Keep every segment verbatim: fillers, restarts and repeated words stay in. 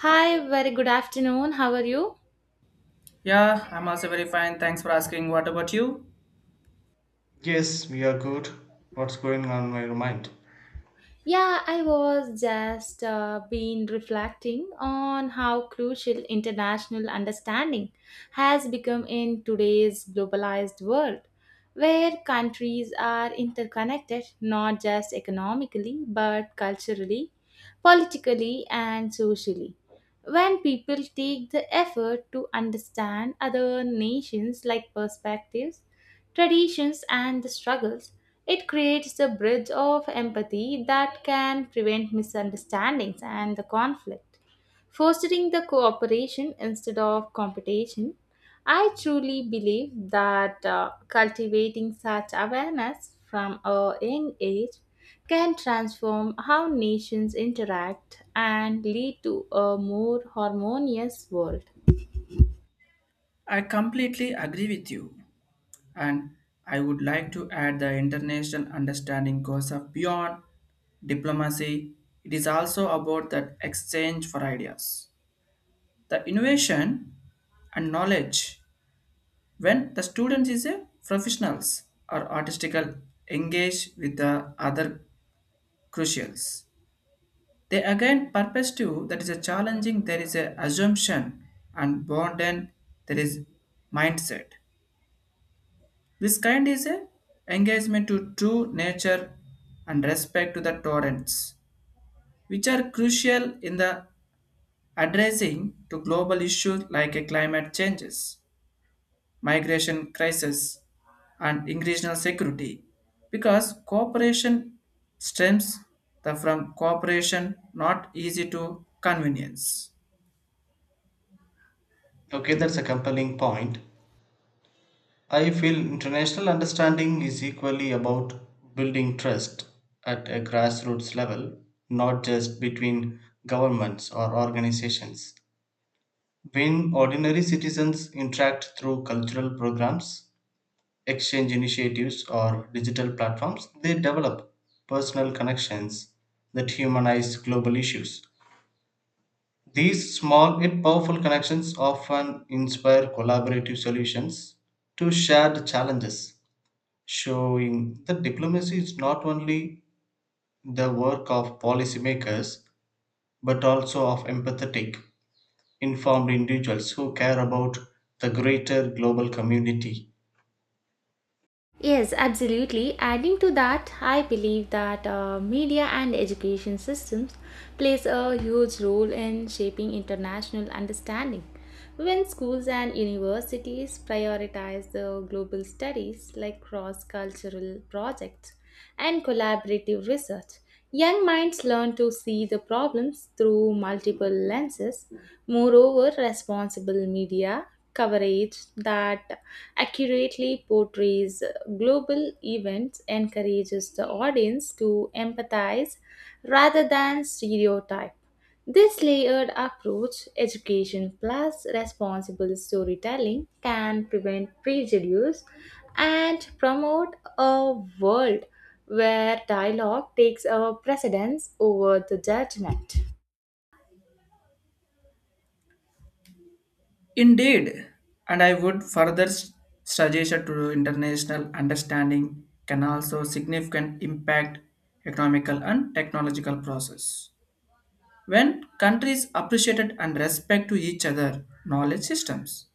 Hi, very good afternoon. How are you? Yeah, I'm also very fine. Thanks for asking. What about you? Yes, we are good. What's going on in your mind? Yeah, I was just uh, been reflecting on how crucial international understanding has become in today's globalized world, where countries are interconnected not just economically but culturally, politically and socially. When people take the effort to understand other nations' like perspectives, traditions, and the struggles, it creates a bridge of empathy that can prevent misunderstandings and the conflict, fostering the cooperation instead of competition. I truly believe that uh, cultivating such awareness from a young age can transform how nations interact and lead to a more harmonious world. I completely agree with you. And I would like to add the international understanding goes up beyond diplomacy. It is also about that exchange for ideas, the innovation and knowledge. When the student is a professionals or artistical engage with the other crucials. They again perspective that is a challenging, there is a assumption and burden, there is mindset. This kind is a engagement to true nature and respect to the torrents, which are crucial in the addressing to global issues like a climate changes, migration crisis, and regional security, because cooperation stems the from cooperation not easy to convenience. Okay, that's a compelling point. I feel international understanding is equally about building trust at a grassroots level, not just between governments or organizations. When ordinary citizens interact through cultural programs, exchange initiatives, or digital platforms, they develop personal connections that humanize global issues. These small yet powerful connections often inspire collaborative solutions to shared challenges, showing that diplomacy is not only the work of policymakers but also of empathetic, informed individuals who care about the greater global community. Yes, absolutely. Adding to that, I believe that uh, media and education systems plays a huge role in shaping international understanding. When schools and universities prioritize the global studies like cross-cultural projects and collaborative research, young minds learn to see the problems through multiple lenses. Moreover, responsible media coverage that accurately portrays global events encourages the audience to empathize rather than stereotype. This layered approach, education plus responsible storytelling, can prevent prejudice and promote a world where dialogue takes a precedence over the judgment. Indeed, and I would further s- suggest that to international understanding can also significant impact economical and technological process. When countries appreciated and respect to each other knowledge systems,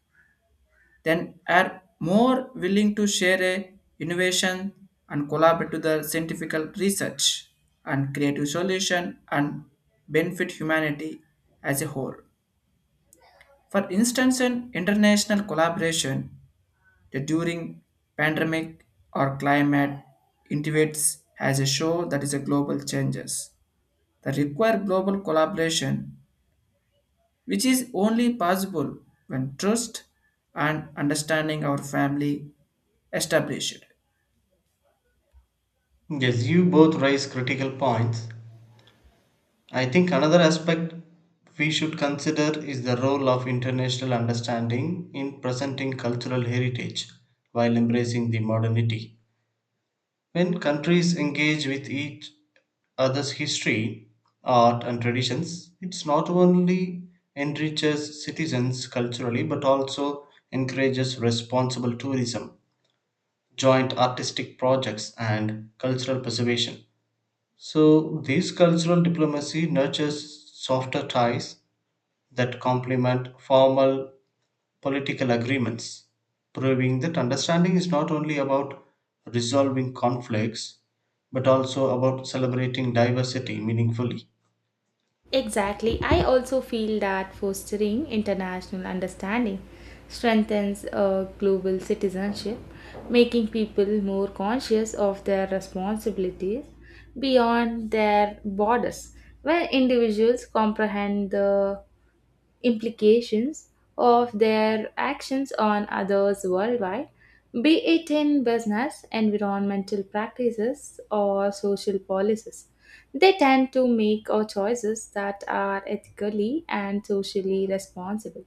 then are more willing to share a innovation and collaborate to the scientific research and creative solution and benefit humanity as a whole. For instance, in international collaboration the during pandemic or climate intivates has a show that is a global changes that require global collaboration, which is only possible when trust and understanding our family established. Yes, you both raise critical points. I think another aspect we should consider is the role of international understanding in presenting cultural heritage while embracing the modernity. When countries engage with each other's history, art, and traditions, it not only enriches citizens culturally but also encourages responsible tourism, joint artistic projects, and cultural preservation. So, this cultural diplomacy nurtures softer ties that complement formal political agreements, proving that understanding is not only about resolving conflicts but also about celebrating diversity meaningfully. Exactly. I also feel that fostering international understanding strengthens uh, global citizenship, making people more conscious of their responsibilities beyond their borders. When individuals comprehend the implications of their actions on others worldwide, be it in business, environmental practices, or social policies. They tend to make our choices that are ethically and socially responsible.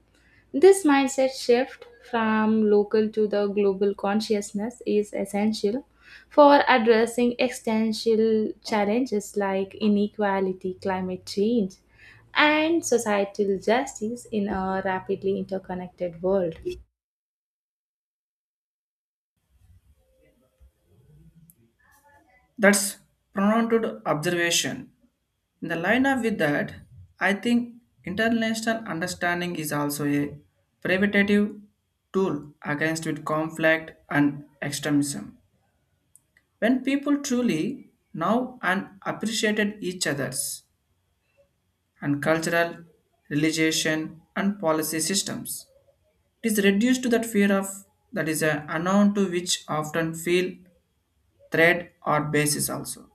This mindset shift from local to the global consciousness is essential for addressing existential challenges like inequality, climate change, and societal justice in a rapidly interconnected world. That's pronounced observation. In the line up with that, I think international understanding is also a preventative tool against with conflict and extremism. When people truly know and appreciated each other's and cultural, religion and policy systems, it is reduced to that fear of that is a unknown to which often feel threat or basis also.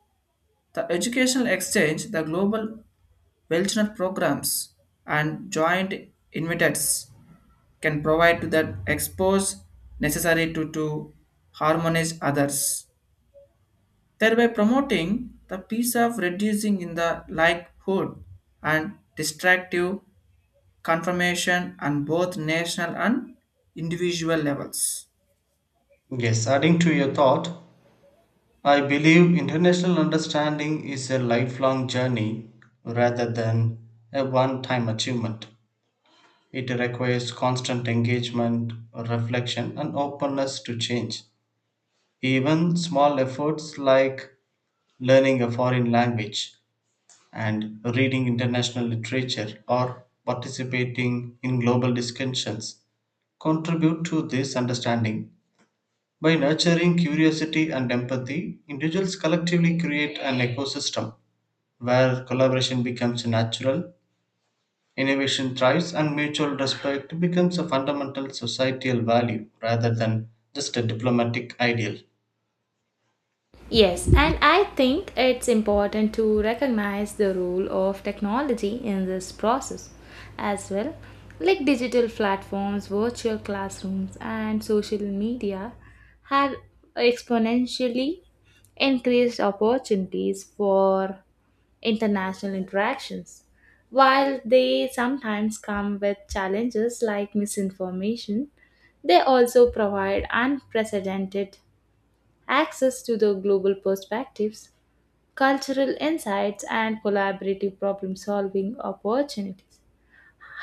The educational exchange, the global wellness programs and joint invitates can provide to that expose necessary to, to harmonize others thereby promoting the piece of reducing in the likelihood and distractive confirmation on both national and individual levels. Yes, adding to your thought, I believe international understanding is a lifelong journey rather than a one time achievement. It requires constant engagement, reflection, and openness to change. Even small efforts like learning a foreign language and reading international literature or participating in global discussions contribute to this understanding. By nurturing curiosity and empathy, individuals collectively create an ecosystem where collaboration becomes natural, innovation thrives, and mutual respect becomes a fundamental societal value rather than just a diplomatic ideal. Yes, and I think it's important to recognize the role of technology in this process as well, like digital platforms, virtual classrooms, and social media have exponentially increased opportunities for international interactions, while they sometimes come with challenges like misinformation. They also provide unprecedented access to the global perspectives, cultural insights, and collaborative problem solving opportunities.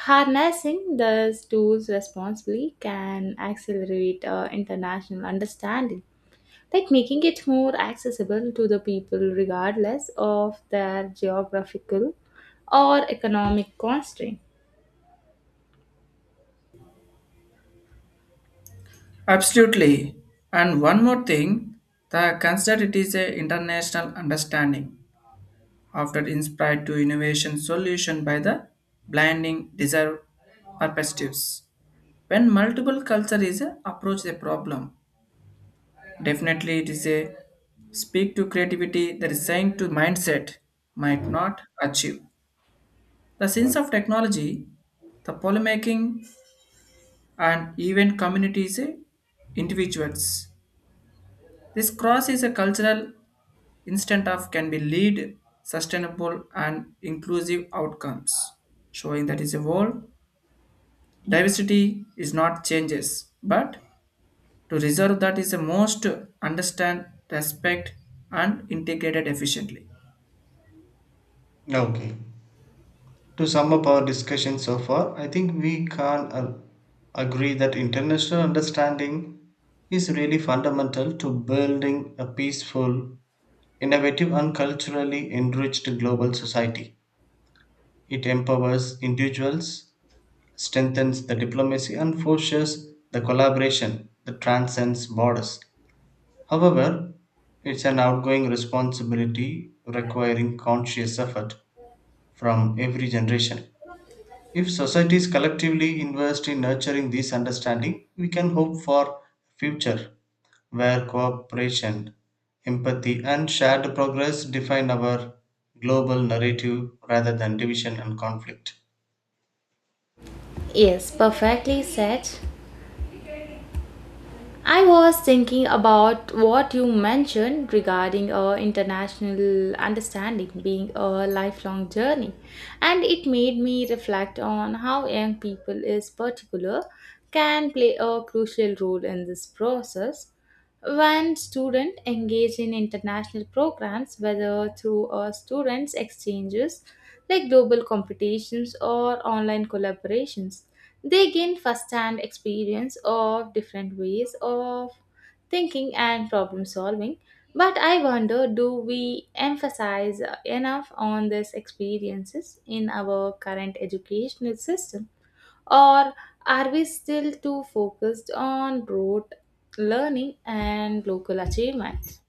Harnessing these tools responsibly can accelerate uh, international understanding, like making it more accessible to the people regardless of their geographical or economic constraint. Absolutely. And one more thing, the consider it is a international understanding after inspired to innovation solution by the blinding desire perspectives. When multiple culture is a approach a problem, definitely, it is a speak to creativity that is saying to mindset might not achieve. The sense of technology, the polemaking, and even communities, eh, individuals. This cross is a cultural instant of can be lead sustainable and inclusive outcomes, showing that is a whole diversity is not changes, but to reserve that is the most understand, respect, and integrated efficiently. Okay. To sum up our discussion so far, I think we can uh, agree that international understanding is really fundamental to building a peaceful, innovative, and culturally enriched global society. It empowers individuals, strengthens the diplomacy, and fosters the collaboration that transcends borders. However, it's an outgoing responsibility requiring conscious effort from every generation. If societies collectively invest in nurturing this understanding, we can hope for a future where cooperation, empathy, and shared progress define our global narrative rather than division and conflict. Yes, perfectly said. I was thinking about what you mentioned regarding uh, international understanding being a lifelong journey, and it made me reflect on how young people, is particular, can play a crucial role in this process. When students engage in international programs, whether through uh, students' exchanges like global competitions or online collaborations, they gain first-hand experience of different ways of thinking and problem solving. But I wonder, do we emphasize enough on these experiences in our current educational system? Or are we still too focused on rote learning and local achievement?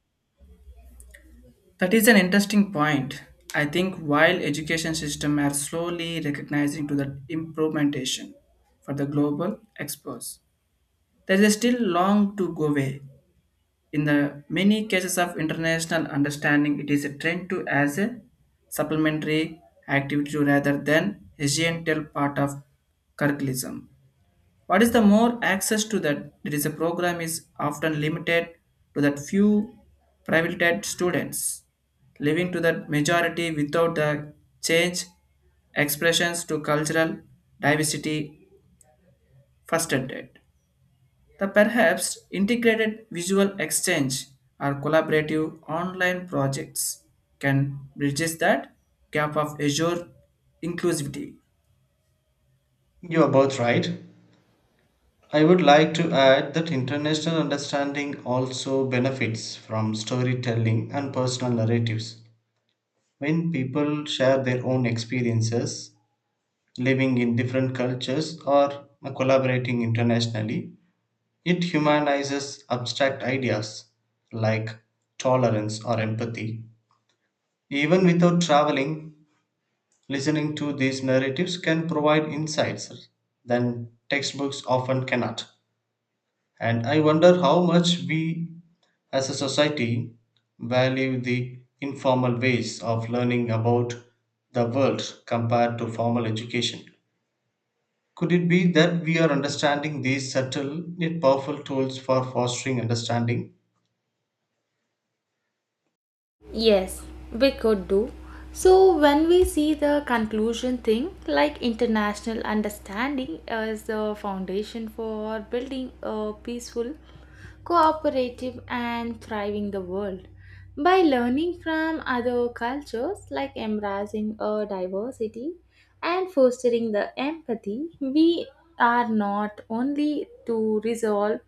That is an interesting point. I think while education system are slowly recognizing to the implementation for the global experts, there is still long to go way. In the many cases of international understanding, it is a trend to as a supplementary activity rather than essential part of curriculum. What is the more access to that? There is a program is often limited to that few privileged students, leaving to that majority without the change expressions to cultural diversity first. The perhaps integrated visual exchange or collaborative online projects can bridges that gap of Azure inclusivity. You are both right. I would like to add that international understanding also benefits from storytelling and personal narratives. When people share their own experiences, living in different cultures or collaborating internationally. It humanizes abstract ideas like tolerance or empathy. Even without traveling, listening to these narratives can provide insights than textbooks often cannot. And I wonder how much we as a society value the informal ways of learning about the world compared to formal education. Could it be that we are understanding these subtle yet powerful tools for fostering understanding? Yes, we could do. So, when we see the conclusion thing, like international understanding as the foundation for building a peaceful cooperative, and thriving the world. By learning from other cultures, like embracing a diversity and fostering the empathy, we are not only to resolve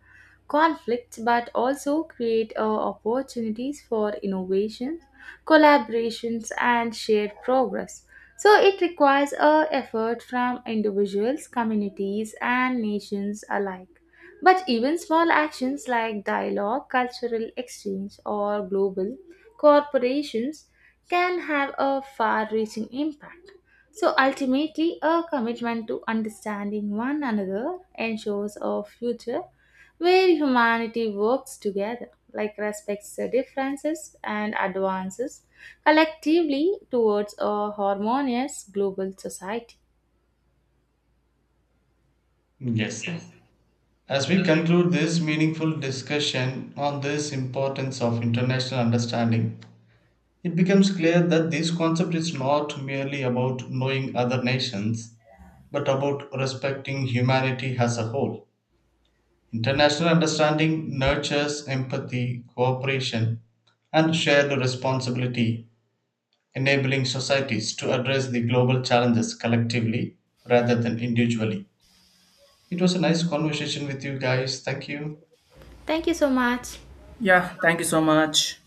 conflicts but also create uh, opportunities for innovations, collaborations, and shared progress. So it requires a effort from individuals, communities, and nations alike. But even small actions like dialogue, cultural exchange, or global corporations can have a far reaching impact. So ultimately, a commitment to understanding one another ensures a future where humanity works together, like respects the differences and advances collectively towards a harmonious global society. Yes. As we conclude this meaningful discussion on this importance of international understanding, it becomes clear that this concept is not merely about knowing other nations, but about respecting humanity as a whole. International understanding nurtures empathy, cooperation, and shared responsibility enabling societies to address the global challenges collectively rather than individually. It was a nice conversation with you guys. Thank you. Thank you so much. Yeah, thank you so much.